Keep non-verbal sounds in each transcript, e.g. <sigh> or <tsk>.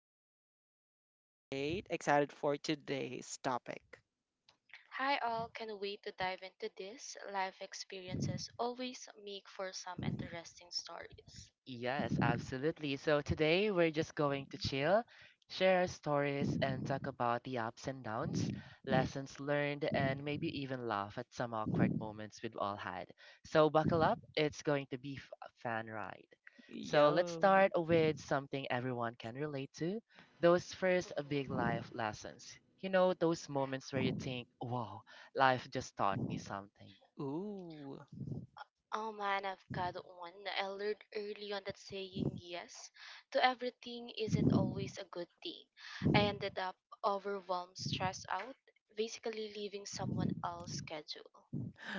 everyone, I'm doing great. Excited for today's topic. Hi all, can't wait to dive into this. Life experiences always make for some interesting stories. Yes, absolutely. So today we're just going to chill, share our stories, and talk about the ups and downs, lessons learned, and maybe even laugh at some awkward moments we've all had. So buckle up, it's going to be a fun ride. So let's Yo. start with something everyone can relate to, those first Mhm. big life lessons. You know, those moments where you think, wow, life just taught me something. Ooh. Oh man, I've got one. I learned early on that saying yes to everything isn't always a good thing. I ended up overwhelmed, stressed out, basically leaving someone else's schedule.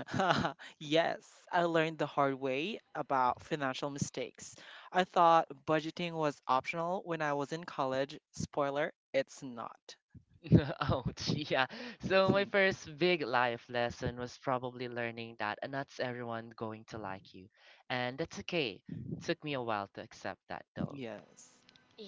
<laughs> Yes, I learned the hard way about financial mistakes. I thought budgeting was optional when I was in college. Spoiler, it's not. <laughs> Ouch. Yeah. So my <laughs> first big life lesson was probably learning that and that's everyone going to like you. And that's okay. Took me a while to accept that Hmm, though. yes.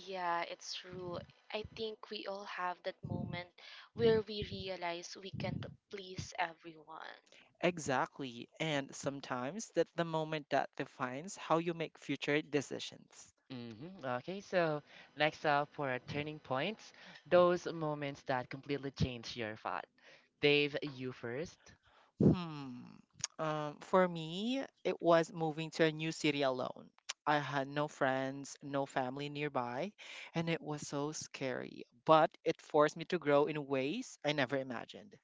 Yeah, it's true. I think we all have that moment where we realize we can't please everyone. Exactly. And sometimes that's the moment that defines how you make future decisions. Okay, so next up for turning points, those moments that completely change your thought. Dave, you first. Hmm. For me, it was moving to a new city alone. <tsk> I had no friends, no family nearby, and it was so scary. But it forced me to grow in ways I never imagined.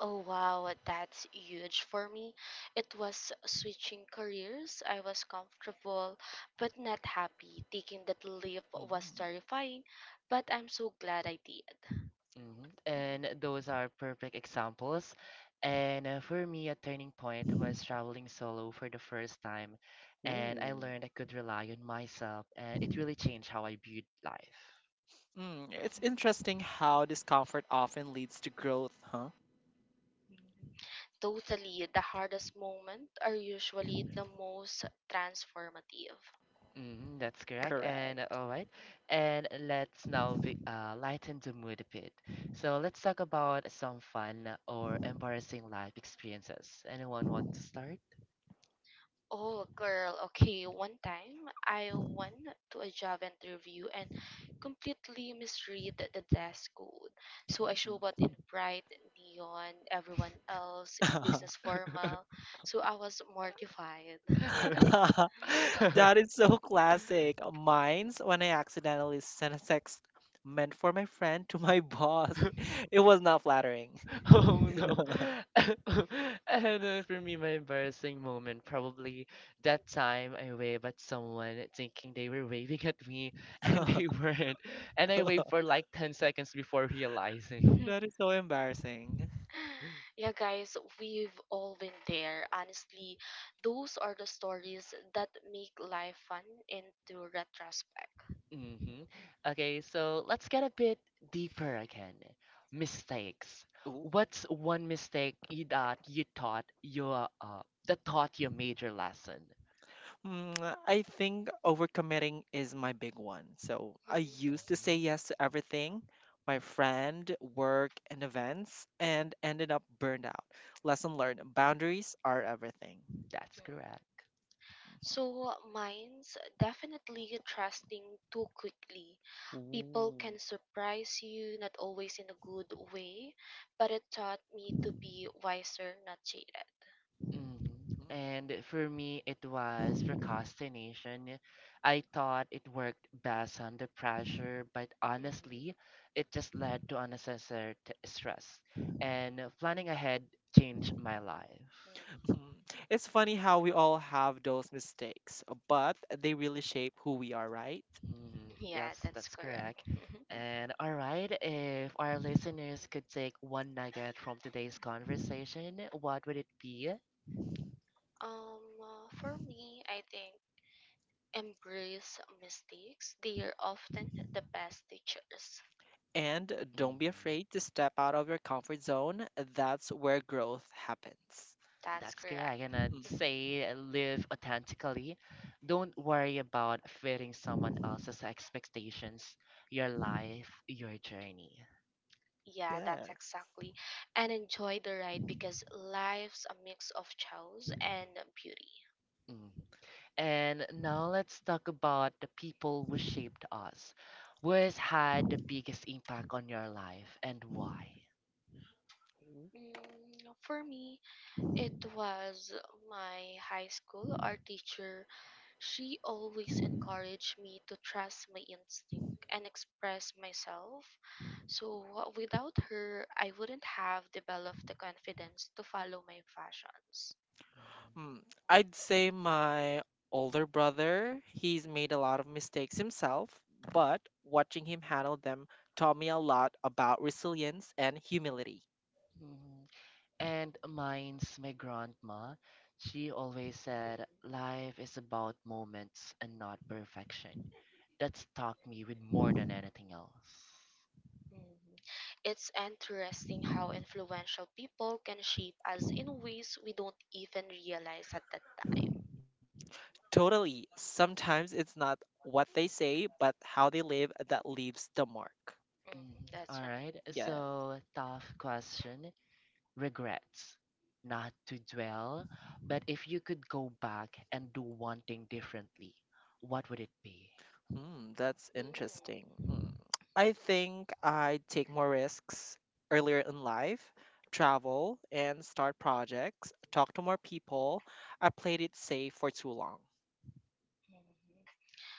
Oh wow, that's huge for me. It was switching careers. I was comfortable but not happy. Taking that leap was Mm, terrifying, but I'm so glad I did. Mhm. And mm. those are perfect examples. And for me, a turning point was traveling solo for the first time. And I Ooh. learned I could rely on myself, and it really changed how I viewed life. Mm, it's interesting how discomfort often leads to growth, huh? Totally, the hardest moments are usually the most transformative. That's correct. And Correct. all right. And let's now be, lighten the mood a bit. So let's talk about some fun or embarrassing life experiences. Anyone want to start? Oh, girl, okay. One time I went to a job interview and completely misread the desk code. So I showed up in bright neon, everyone else in Mm. business formal. So I was mortified. <laughs> <laughs> That is so classic. Mine's when I accidentally sent a text meant for my friend to my boss. <laughs> <laughs> It was not flattering. <laughs> Oh Oh. no. <laughs> And for me, my embarrassing moment, probably that time I waved at someone thinking they were waving at me <laughs> and they <laughs> weren't. And I waved That for like 10 seconds before realizing. <laughs> is so embarrassing. Yeah, guys, we've all been there. Honestly, those are the stories that make life fun into retrospect. <laughs> hmm Okay, so let's get a bit deeper again. Mistakes. Ooh. What's one mistake you that you thought you that taught you a major lesson? Mm, I think overcommitting is my big one. So I used to say hmm yes to everything, my friend, work, and events, and ended up burned out. Lesson learned, boundaries are everything. That's <laughs> correct. So, mine's definitely trusting too quickly. People can Mhm. surprise you, not always in a good way, but it taught me to be wiser, not jaded. Mhm. Ooh. And for me, it was procrastination. I thought it worked best under pressure, but honestly, Hmm. it just led to unnecessary stress. And planning ahead changed my life. <laughs> Mhm. It's funny how we all have those mistakes, but they really shape who we are, right? Mhm. Yeah, Yes, that's that's correct. correct. <laughs> Mhm. And all right, if our listeners could take one nugget from today's conversation, what would it be? For me, I think embrace mistakes. They are often the best teachers. And don't be Mhm. afraid to step out of your comfort zone. That's where growth happens. That's That's correct. correct. And I'd Mm-hmm. Mhm. say live authentically. Don't worry about fitting someone else's expectations, your life, your journey. Yeah, that's Yes. exactly. And enjoy the ride because life's a mix of chows and beauty. Mm. And now let's talk about the people who shaped us. Who has had the biggest impact on your life and why? Mm, for me, it was my high school art teacher. She always encouraged me to trust my instinct and express myself. So, without her, I wouldn't have developed the confidence to follow my passions. Mm, I'd say my older brother, he's made a lot of mistakes himself, but watching him handle them taught me a lot about resilience and humility. Mhm. And mine's my grandma. She always Mm-hmm. said, Life is about moments and not perfection. That stuck me with more than anything else. Mm. It's interesting how influential people can shape us in ways we don't even realize at that time. Totally. Sometimes it's not what they say, but how they live that leaves the mark. Mhm, Mm, that's all right. right, Yeah. so tough question. Regrets. Not to dwell, but if you could go back and do one thing differently, what would it be? Hmm, that's interesting. Mm, Mm. I think I take more risks earlier in life, travel and start projects, talk to more people. I played it safe for too long. mhm.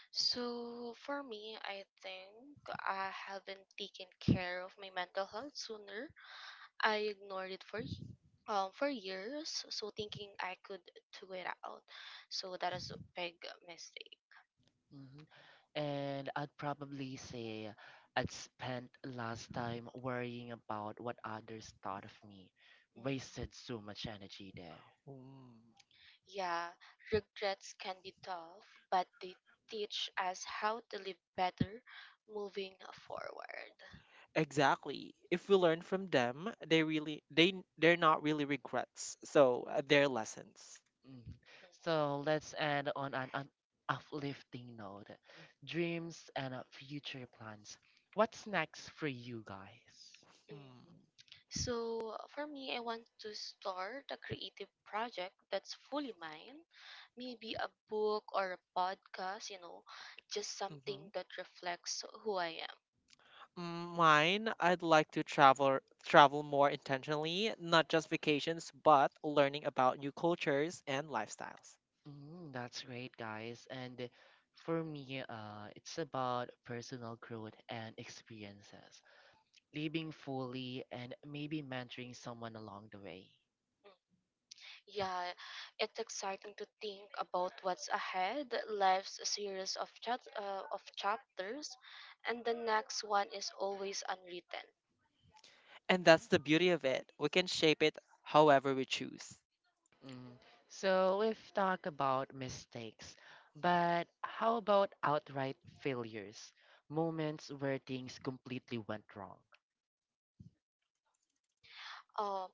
So, for me, I think I haven't taken care of my mental health sooner. I ignored it for for years, so thinking I could do it out. So that is a big mistake. hmm And I'd probably say I'd spent last time worrying about what others thought of me. Wasted Mm-hmm. so much energy there. Mm. Yeah, regrets can be tough, but they teach us how to live better moving forward. Exactly. If we learn from them, they're not really regrets. So they're lessons. Mm. Mhm. So let's end on an uplifting note. Dreams and future plans. What's next for you guys? Hmm. Mhm. So, for me, I want to start a creative project that's fully mine. Maybe a book or a podcast, you know just something Mm-hmm. that reflects who I am. Mm, mine, I'd like to travel more intentionally, not just vacations, but learning about new cultures and lifestyles. Mm, that's great, guys. And for me, it's about personal growth and experiences, living fully, and maybe mentoring someone along the way. Mm. Yeah, it's exciting to think about what's ahead. Life's a series of chapters, and the next one is always unwritten. And that's the beauty of it. We can shape it however we choose. Mm. So we've talked about mistakes, but how about outright failures? Moments where things completely went wrong. Um,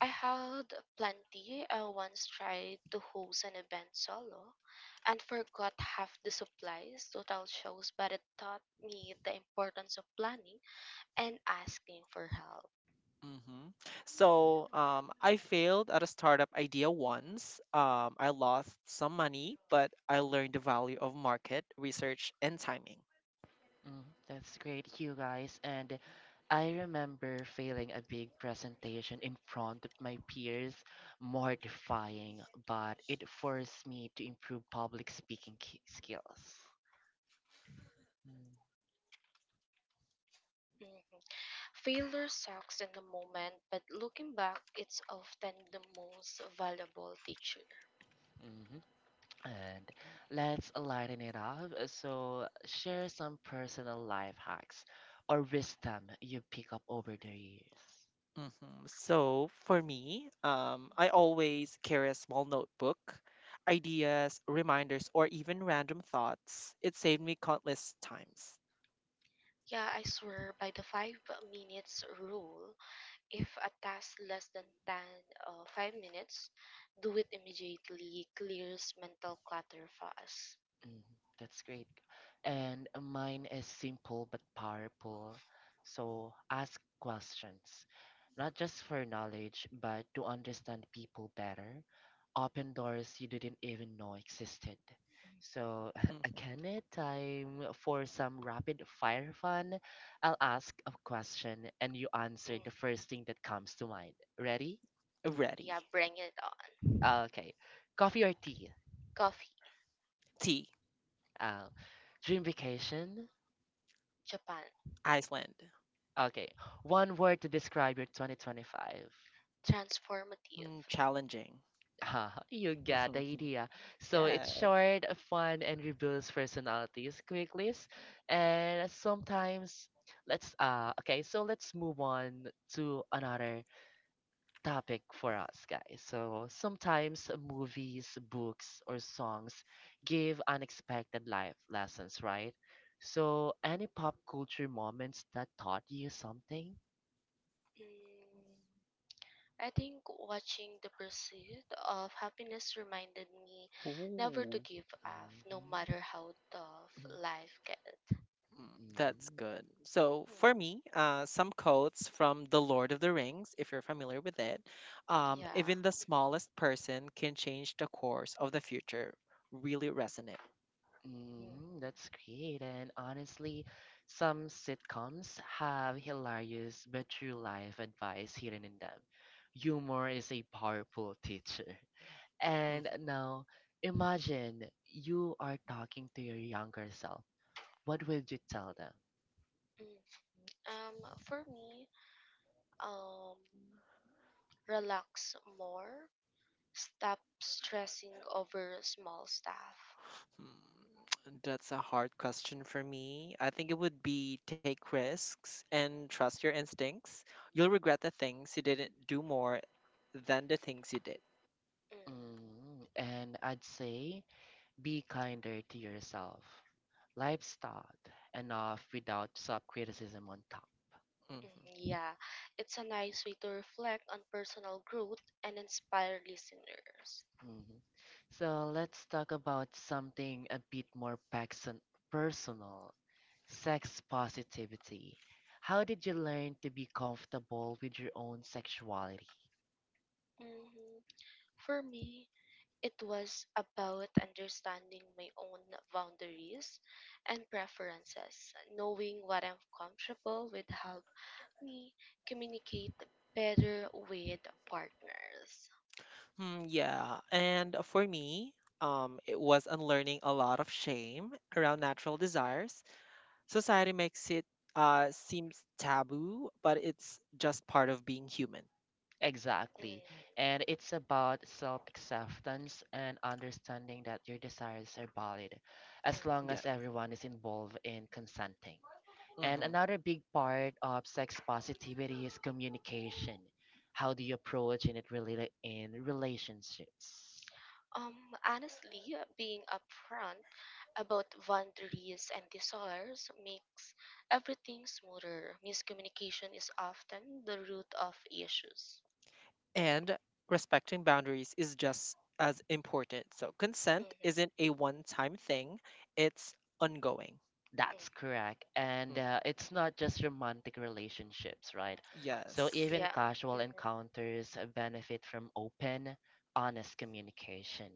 I had plenty. I once tried to host an event solo, and forgot half the supplies. Total shows, but it taught me the importance of planning and asking for help. Hmm So, I failed at a startup idea once. I lost some money, but I learned the value of market research and timing. Mm, that's great, you guys. And I remember failing a big presentation in front of my peers, mortifying, but it forced me to improve public speaking skills. Mm-hmm. Mm-hmm. Failure sucks in the moment, but looking back, it's often the most valuable teacher. And let's lighten it up. So, share some personal life hacks or wisdom you pick up over the years. Mhm. So for me, I always carry a small notebook, ideas, reminders, or even random thoughts. It saved me countless times. Yeah, I swear by the 5 minutes rule, if a task less than 10, 5 minutes, do it immediately clears mental clutter fast. Mm, that's great. And mine is simple but powerful. So ask questions, not just for knowledge, but to understand people better, open doors you didn't even know existed. So, <laughs> Mhm. again, time for some rapid fire fun. I'll ask a question and you answer Mhm. the first thing that comes to mind. Ready? Ready. Yeah, bring it on. Okay. Coffee or tea? Coffee. T. Uh, dream vacation, Japan. Iceland. okay, one word to describe your 2025. Transformative. Mm, challenging. <laughs> You got the Mhm. idea. So it's Yeah. short, fun, and reveals personalities quickly. And sometimes, let's okay. So let's move on to another topic for us, guys. So sometimes movies, books, or songs give unexpected life lessons, right? So any pop culture moments that taught you something? Mm. I think watching the Pursuit of Happiness reminded me never to Ooh. give up, no matter how tough Mhm. life gets. hmm That's hmm good. So for me, Mm, some quotes from The Lord of the Rings, if you're familiar with it. Yeah. Even the smallest person can change the course of the future. Really resonate. Mhm. Mm, that's great. And honestly, some sitcoms have hilarious but true life advice hidden in them. Humor is a powerful teacher. Mhm, Mhm. And mm, now, imagine you are talking to your younger self. What would you tell them? mm. For me, um, relax more, stop stressing over small stuff. That's a hard question for me. I think it would be take risks and trust your instincts. You'll regret the things you didn't do more than the things you did. Mm. Mm, and I'd say be kinder to yourself. Life's taught enough without self criticism on top. Hmm, Mhm, yeah, it's a nice way to reflect on personal growth and inspire listeners. Mhm. So let's talk about something a bit more personal, sex positivity. How did you learn to be comfortable with your own sexuality? Hmm. For me, it was about understanding my own boundaries and preferences. Knowing what I'm comfortable with helped me communicate better with partners. Hmm, yeah, and for me, it was unlearning a lot of shame around natural desires. Society makes it seems taboo, but it's just part of being human. Exactly. Mhm, And it's about self acceptance and understanding that your desires are valid as long Yeah. as mhm. everyone is involved in consenting. And hmm another big part of sex positivity is communication. How do you approach in it really in relationships? Honestly, being upfront about boundaries and desires makes everything smoother. Miscommunication is often the root of issues. and respecting boundaries is just as important. So Mhm, consent isn't a one-time thing, it's ongoing. That's mhm. correct. And Mhm. It's not just romantic relationships, right? So Yes. even Yeah. casual Mhm. encounters benefit from open, honest communication.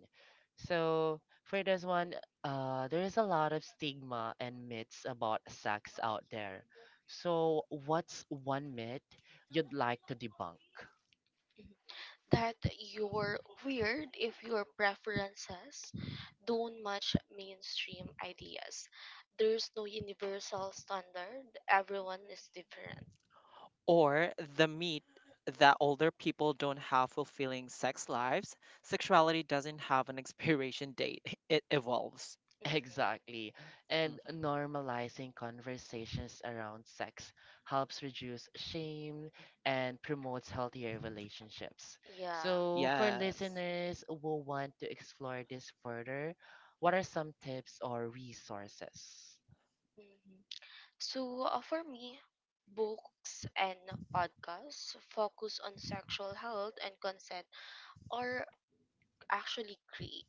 So for this one, there is a lot of stigma and myths about sex out there. So what's one myth you'd like to debunk? That you're weird if your preferences don't match mainstream ideas. There's no universal standard, everyone is different. Or the myth that older people don't have fulfilling sex lives, sexuality doesn't have an expiration date. <laughs> It evolves. Hmm. Exactly. And Mhm. normalizing conversations around sex helps reduce shame and promotes healthier relationships. Yeah. So, for Yes. listeners who want to explore this further, what are some tips or resources? Mm-hmm. So, for me, books and podcasts focus on sexual health and consent are actually great.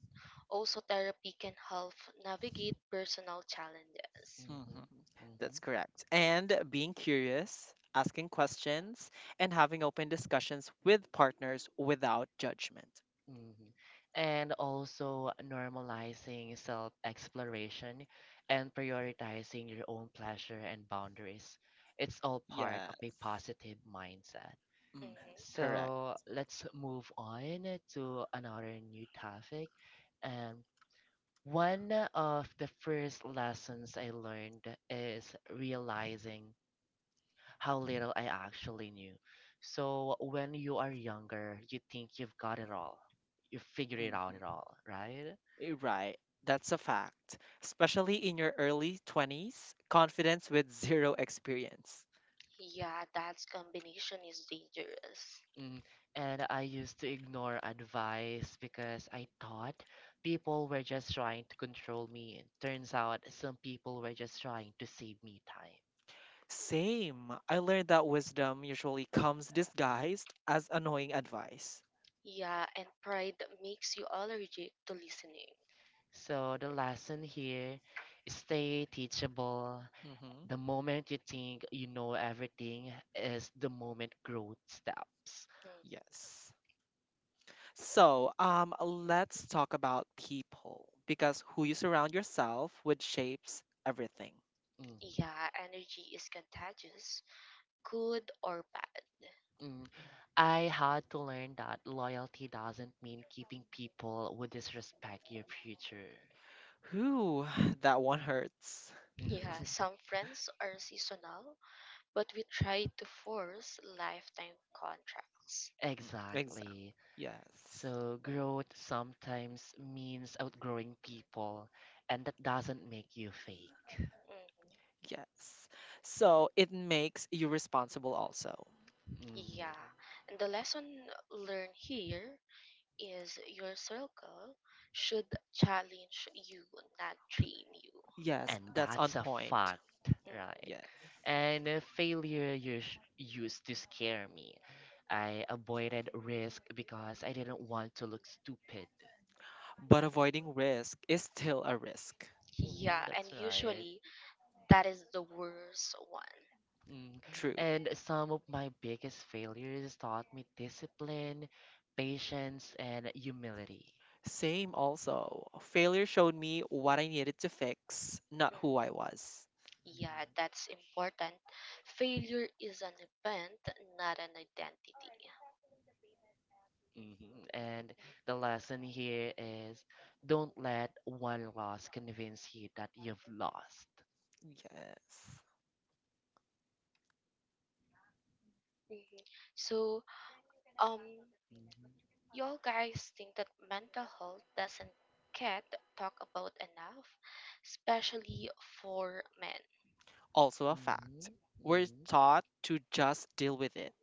Also, therapy can help navigate personal challenges. hmm hmm hmm That's correct. And being curious, asking questions, and having open discussions with partners without judgment. hmm And also normalizing self exploration and prioritizing your own pleasure and boundaries. It's all part Yes. of a positive mindset. Mm, Mhm. correct. So let's move on to another new topic. And one of the first lessons I learned is realizing how little I actually knew. So when you are younger, you think you've got it all, you figure it out at Mhm. all, right? Eh, right. That's a fact. Especially in your early 20s, confidence with <laughs> zero experience. Yeah, that combination is dangerous. Mm. And I used to ignore advice because I thought people were just trying to control me. Turns out some people were just trying to save me time. Same. I learned that wisdom usually comes disguised as annoying advice. Yeah, and pride makes you allergic to listening. So the lesson here is stay teachable. Mm-hmm. The moment you think you know everything is the moment growth stops. Mm, Yes. So, let's talk about people because who you surround yourself with shapes everything. Mhm. yeah, energy is contagious, good or bad. Mm. I had to learn that loyalty doesn't mean keeping people who disrespect your future. Whew, <sighs> that one hurts. Mhm. Yeah, some friends are seasonal, but we try to force lifetime contracts. Mm, exactly. Exactly. Yes. So growth sometimes means outgrowing people, and that doesn't make you fake. Mm-hmm. Yes. So it makes you responsible also. Mhm. Yeah, and the lesson learned here is your circle should challenge you, not train you. Yes, And that's on that's a point. fact, Mhm. right? Yes. And failure used to scare me. I avoided risk because I didn't want to look stupid. But avoiding Mhm. risk is still a risk. Yeah, That's and right. usually that is the worst one. Mm. True. And some of my biggest failures taught me discipline, patience and humility. Same also. Failure showed me what I needed to fix, not who I Mhm. was. Yeah, that's important. Failure is an event, not an identity. hmm and the lesson here is, don't let one loss convince you that you've lost. Yes. Mhm. So, um, Mm-hmm. y'all guys think that mental health doesn't get talked about enough, especially for men. Also a hmm fact. We're hmm taught to just deal with it.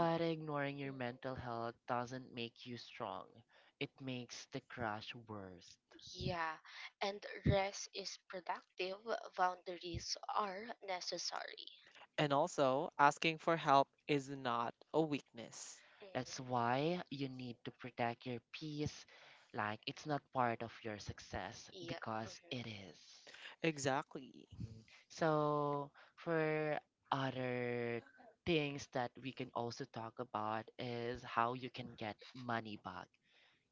Mm. ignoring your Mhm. mental health doesn't make you strong. It makes the crash worse. Yeah, and rest is productive, boundaries are necessary. And also, asking for help is not a weakness. That's Hmm. why you need to protect your peace like it's not part of your success, Yeah, because hmm, it is. Exactly. Mm. So, for other things that we can also talk about is how you can get money back.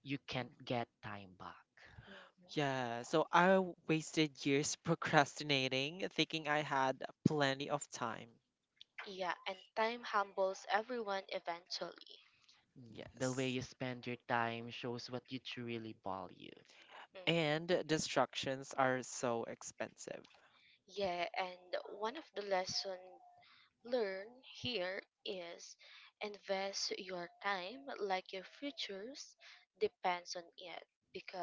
You can't Mm. get time back. Yeah, so I wasted years <laughs> procrastinating, thinking I had plenty of time. yeah, and time humbles everyone eventually. Mm, the way Yes. you spend your time shows what you truly value. Hmm. And distractions are so expensive. Yeah, and one of the lesson learn here is invest your time like your futures depends on it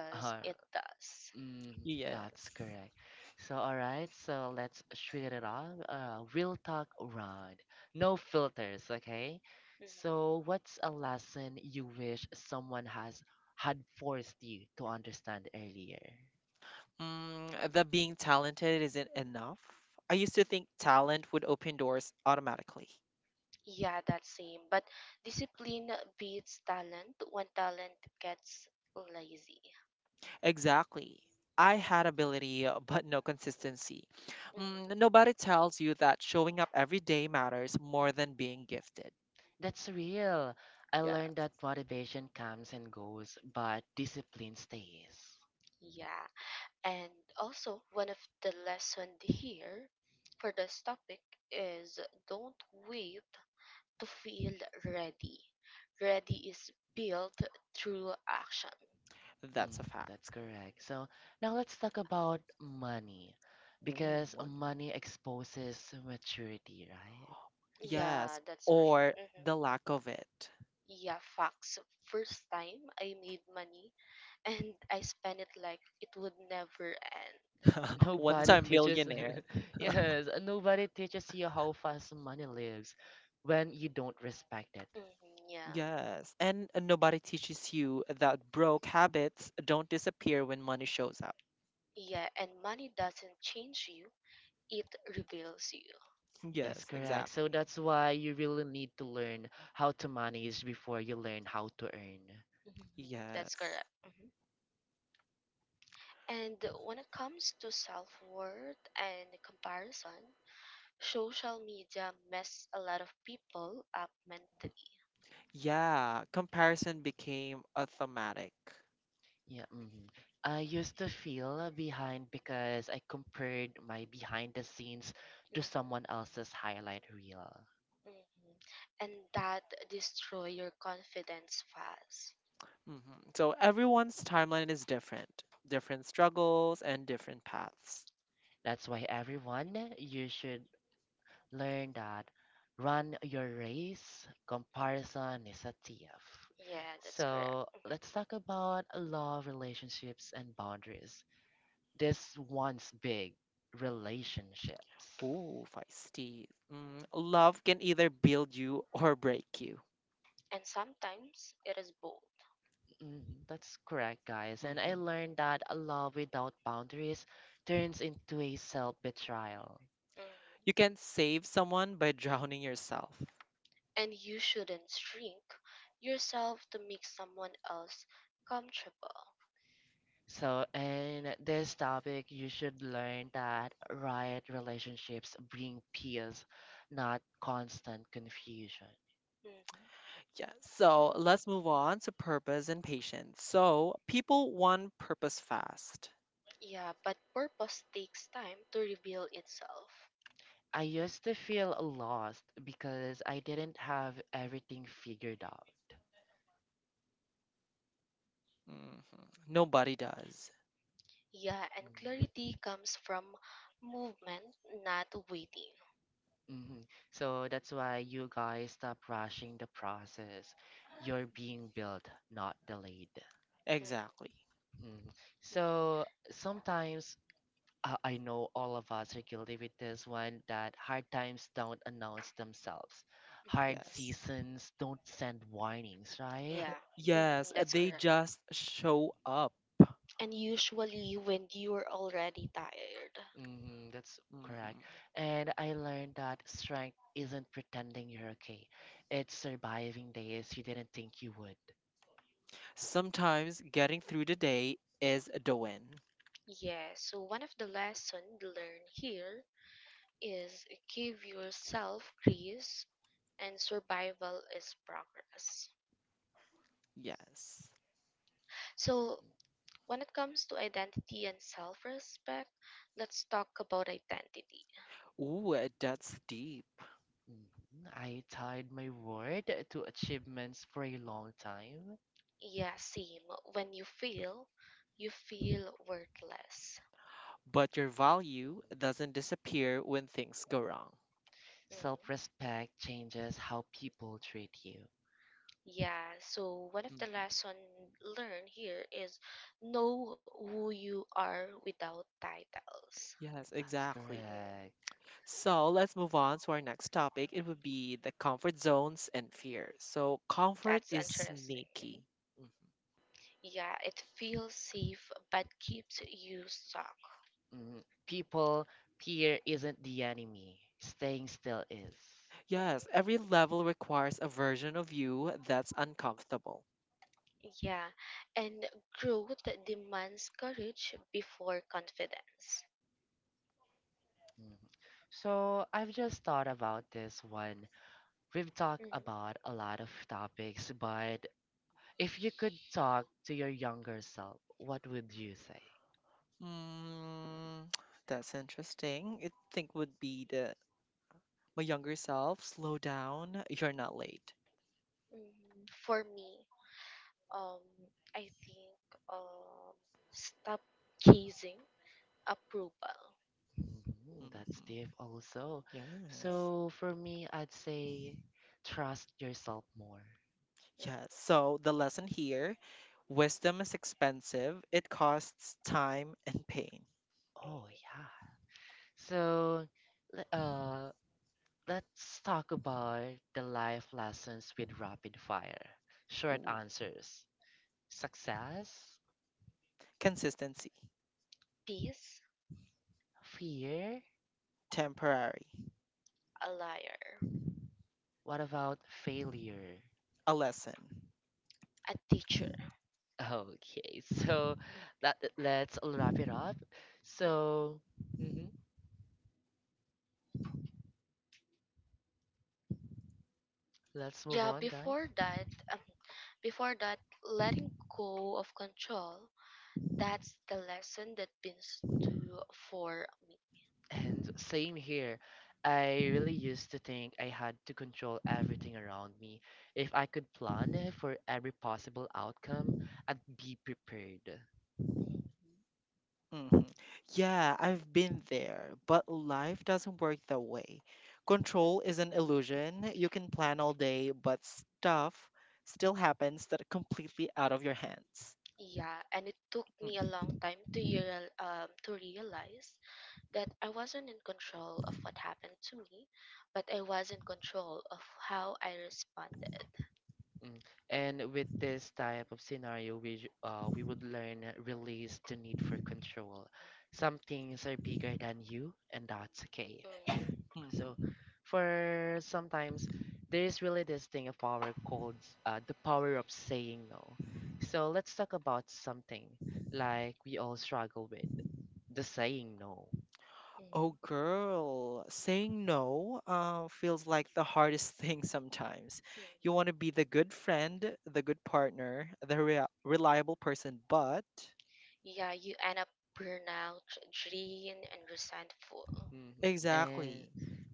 <laughs> Uh, it does. mm, Mhm, that's Yes. correct. So, all right, so let's shoot it off. Real talk round. No filters, okay? mhm. So, what's a lesson you wish someone has had forced you to understand earlier? Mm, the being talented isn't enough. I used to think talent would open doors automatically. Yeah, that same. But discipline beats talent when talent gets lazy. Exactly. I had ability, but no consistency. Mm, Hmm. nobody tells you that showing up every day matters more than being gifted. That's real. I Yeah, learned that motivation comes and goes, but discipline stays. Yeah. And also, one of the lesson here for this topic is don't wait to feel ready. Ready is built through action. Mm, that's a that's fact. correct. So now let's talk about money, Ooh, because money. money exposes maturity, right? Yeah, Yes, that's right. or the Hmm. lack of it. Yeah, facts. First time I made money <laughs> and I spent it like it would never end. <laughs> Once Nobody I'm teaches, millionaire. <laughs> yes, nobody teaches you how fast money lives when you don't respect it. Hmm. Yeah. Yes, and nobody teaches you that broke habits don't disappear when money shows up. Yeah, and money doesn't change you, it reveals you. That's Yes, correct. So exactly. that's why you really need to learn how to manage before you learn how to earn. Hmm. That's Yes. correct. Hmm. And when it comes to self-worth and comparison, social media mess a lot of people up mentally. Yeah, comparison became automatic. Yeah, mhm. I used to feel behind because I compared my behind the scenes Mhm. to someone else's highlight reel. Mhm. And that destroy your confidence fast. Hmm So everyone's timeline is different, different struggles and different paths. That's why everyone, you should learn that, run your race, comparison is a thief. Yeah, that's correct. So Hmm. let's talk about love, relationships, and boundaries. This one's big, relationships. Ooh, feisty. Mm, love can either build you or break you. And sometimes it is both. Mhm, that's correct, guys. And I Mm-hmm. learned that a love without boundaries turns into a self betrayal. You Mhm. can save someone by drowning yourself. And you shouldn't shrink yourself to make someone else comfortable. So, in this topic, you should learn that right relationships bring peace, not constant confusion. Mhm. Yeah, so let's move on to purpose and patience. So people want purpose fast. Yeah, but purpose takes time to reveal itself. I used to feel lost because I didn't have everything figured out. Hmm Nobody does. Yeah, and clarity comes from movement, not waiting. Mm-hmm. So that's why you guys stop rushing the process. You're being built, not delayed. Mhm. Exactly. Mm. So sometimes I know all of us are guilty with this one, that hard times don't announce themselves. Hard Yes. Mhm. seasons don't send warnings, right? Yeah, mhm, Yes, that's they correct. just show up. And usually when you're already tired. That's correct. Hmm And I learned that strength isn't pretending you're okay, it's surviving days you didn't think you would. Sometimes getting through the day is the win. Yeah, so one of the lessons learned here is give yourself grace and survival is progress. Yes. So when it comes to identity and self-respect, let's talk about identity. Ooh, that's deep. Mhm. I tied my word to achievements for a long time. Yeah, same. When you fail, you feel worthless. But your value doesn't disappear when things go wrong. Self Mhm. respect changes how people treat you. Yeah, so one of the Mhm. lesson learned here is know who you are without titles. Yes, That's exactly. Hmm. correct. So let's move on to our next topic. It would be the comfort zones and fear. So, comfort That's is interesting. Mhm. sneaky. Mhm. Yeah, it feels safe but keeps you stuck. Mm, people here isn't the enemy. Staying still is. Yes, Hmm. every level requires a version of you that's uncomfortable. Yeah, and growth demands courage before confidence. Mhm. So I've just thought about this one. We've talked Hmm. about a lot of topics, but if you could talk to your younger self, what would you say? Mm, <tsk> that's interesting. I think would be the my younger self. Slow down. You're not late. Hmm. For me, um, I think um, stop chasing approval. Mhm, that's deep Hmm also. Yes. So Hmm. for me, I'd say trust yourself more. Yes. So the lesson here, wisdom is expensive. It costs time and pain. Oh Hmm. yeah. So le- uh let's talk about the life lessons with rapid fire. Short Ooh. answers. Success? Consistency. Piece, Fear? Temporary, a liar, What about failure? <laughs> a lesson. a teacher. Okay, so that, let's wrap it up. Mm. So, mhm, let's move Yeah, on, guys. Um, before that, letting go of control, that's the lesson that beans do for me. And same here. I really used to think I had to control everything around me. If I could plan for every possible outcome, I'd be prepared. Mm. Mhm. Hmm Yeah, I've been there, but life doesn't work that way. Control is an illusion. You can plan all day, but stuff still happens that are completely out of your hands. Yeah, and it took me a long time to to realize that I wasn't in control of what happened to me, but I was in control of how I responded. Mm. And with this type of scenario, we would learn release the need for control. Some things are bigger than you, and that's okay. Mm. So, Mm-hmm. for sometimes, there is really this thing of power called the power of saying no. So let's talk about something like we all struggle with, the saying no. Mhm. Oh, girl, saying no feels like the hardest <laughs> thing sometimes. You Mhm. want to be the good friend, the good partner, the rea reliable person, but Yeah, you end up burnout, drained, and resentful. Mhm. And exactly,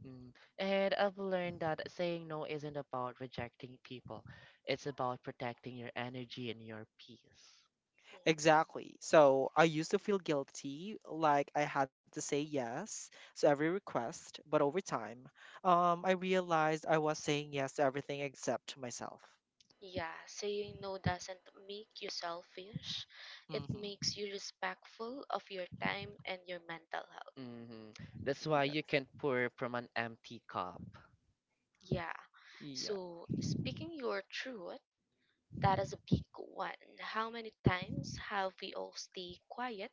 mm, and I've learned that saying no isn't about rejecting people. It's about protecting your energy and your peace. Mhm. exactly. So I used to feel guilty, like I had to say yes to every request, but over time, I realized I was saying yes to everything except to myself. Yeah, saying no doesn't make you selfish. It Mm-hmm. makes you respectful of your time and your mental health. hmm That's Mm, why yes. you can pour from an empty cup. Yeah. Yeah. So, speaking your truth, that is a big one. How many times have we all stayed quiet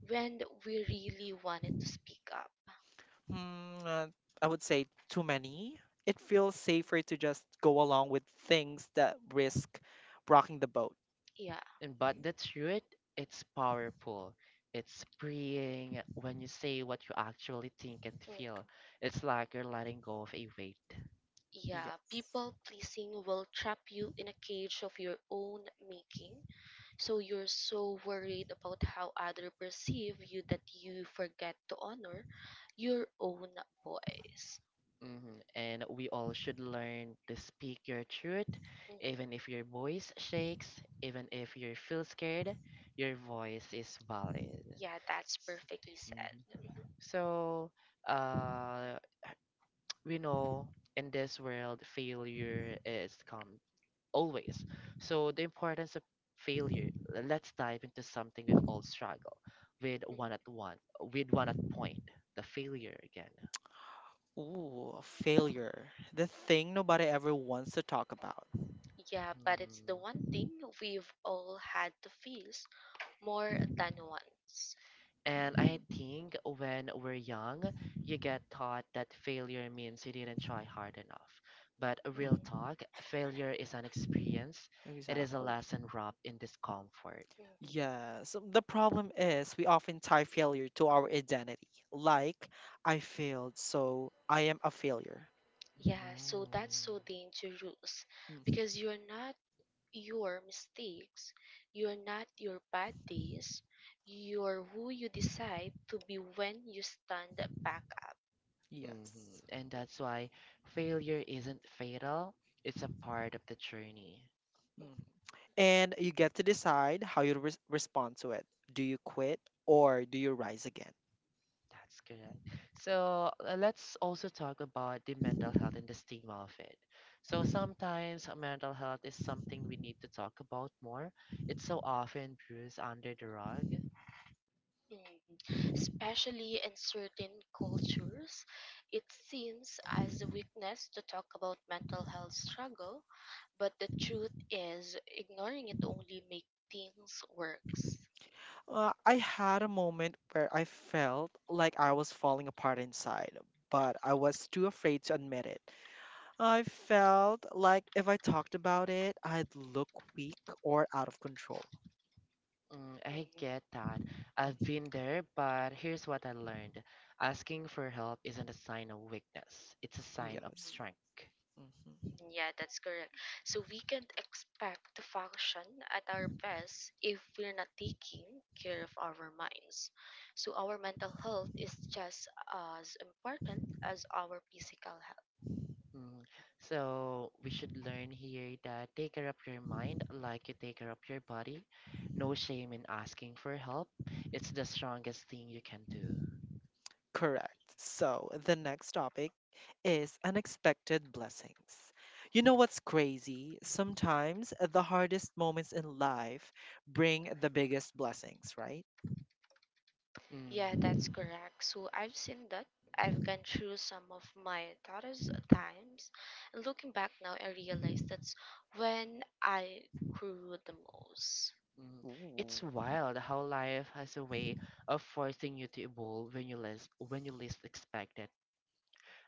when we really wanted to speak up? Hmm, I would say too many. It feels safer to just go along with things that risk rocking the boat. Yeah. And but Mhm. the truth, it's powerful. It's freeing when you say what you actually think and feel. It's like you're letting go of a weight. Yeah, Yes. people pleasing will trap you in a cage of your own making. So you're so worried about how others perceive you that you forget to honor your own voice. Mhm. And we all should learn to speak your truth, even Hmm. if your voice shakes, even if you feel scared, your voice is valid. Yeah, that's S- perfectly said. mhm. Mhm, So, uh, <tsk> we know in this world, failure is come always. So, the importance of failure, let's dive into something we've all struggled with mhm. With one at point, the failure again. Ooh, a failure. The thing nobody ever wants to talk about. Yeah, but it's the Mhm. one thing we've all had to face more than once. And I Hmm think when we're young, you get taught that failure means you didn't try hard enough. But a real Hmm. hmm talk, failure is an experience. It is a Exactly. lesson wrapped in discomfort. Hmm. Yeah, so the problem is we often tie failure to our identity. Like, I failed, so I am a failure. Yeah, so that's No. so dangerous Mhm. because you're not your mistakes. You're not your bad days. You're who you decide to be when you stand back up. Yes. And Mm, that's why failure isn't fatal. It's a part of the journey. Mhm. And you get to decide how you respond to it. Do you quit or do you rise again? That's correct. So let's also talk about the mental health and the stigma of it. So sometimes mental health is something we need to talk about more. It's so often bruised under the rug. mm, mm. Especially in certain cultures, it seems as a weakness to talk about mental health struggle, but the truth is ignoring it only makes things worse. I had a moment where I felt like I was falling apart inside, but I was too afraid to admit it. I felt like if I talked about it, I'd look weak or out of control. Mm, I Mm, get that. I've Mm-hmm. been there, but here's what I learned. Asking for help isn't a sign of weakness, it's a sign of mm. Yes. strength. Mhm. Mm, yeah, that's correct. So we can't expect to function at our best if we're not taking care of our minds. So our mental health is just as important as our physical health. Mm. So we should learn here that take care of your mind like you take care of your body. No shame in asking for help. It's the strongest thing you can do. Correct. So the next topic is unexpected blessings. You know what's crazy? Sometimes the hardest moments in life bring the biggest blessings, right? Yeah, Mm. that's correct. So I've seen that. I've gone through some of my toughest times. And looking back now, I realize that's when I grew the most. Mm. It's Ooh. wild how life has a way of forcing you to evolve when you least expect it.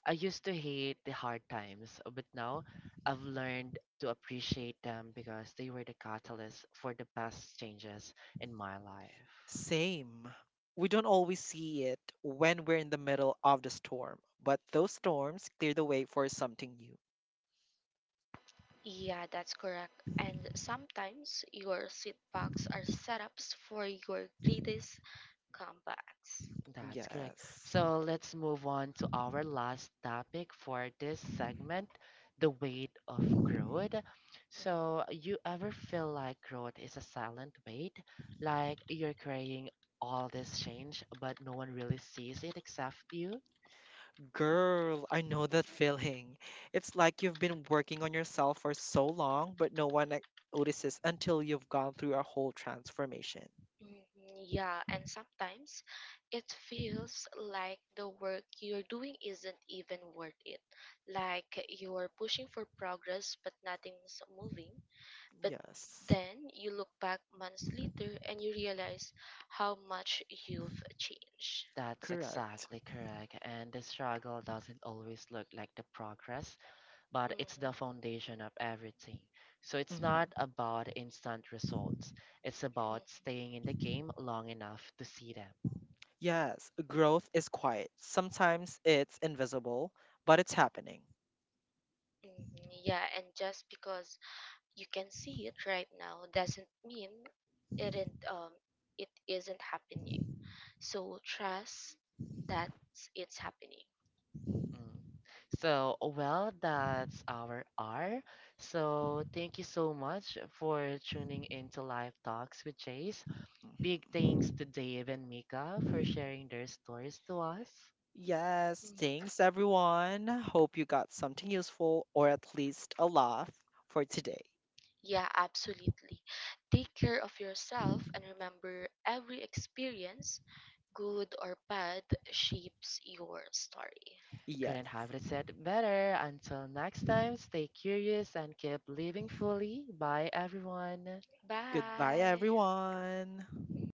I used to hate the hard times, but now I've learned to appreciate them because they were the catalyst for the best changes in my life. Same. We don't always see it when we're in the middle of the storm, but those storms clear the way for something new. Yeah, that's correct. And sometimes your seatbacks are setups for your greatest comebacks. That's correct. Yes. So let's move on to our last topic for this segment, the weight of growth. Mhm. So you ever feel like growth is a silent weight, like you're carrying all this change, but no one really sees it except you? Girl, I know that feeling. It's like you've been working on yourself for so long, but no one notices until you've gone through a whole transformation. Mhm, yeah, and sometimes it feels like the work you're doing isn't even worth it. Like you're pushing for progress, but nothing's moving. But Yes, then you look back months later and you realize how much you've changed. That's correct. exactly correct. And the struggle doesn't always look like the progress, but it's Mhm, the foundation of everything. So it's not Mhm. about instant results, it's about mhm, staying in the game long enough to see them. Yes, growth is quiet. Sometimes it's invisible, but it's happening. mhm. Yeah, and just because you can see it right now doesn't mean it isn't, um, it isn't happening. So trust that it's happening. Mm. So, well, that's our R. So, thank you so much for tuning into Live Talks with Chase. Big thanks Mhm. to Dave and Mika for sharing their stories to us. Yes, Mhm. thanks everyone. Hope you got something useful or at least a laugh for today. Yeah, absolutely. Take care of yourself and remember every experience, good or bad, shapes your story. Yes. Couldn't have it said better. Until next time, stay curious and keep living fully. Bye, everyone. Goodbye, Bye. everyone. Mhm.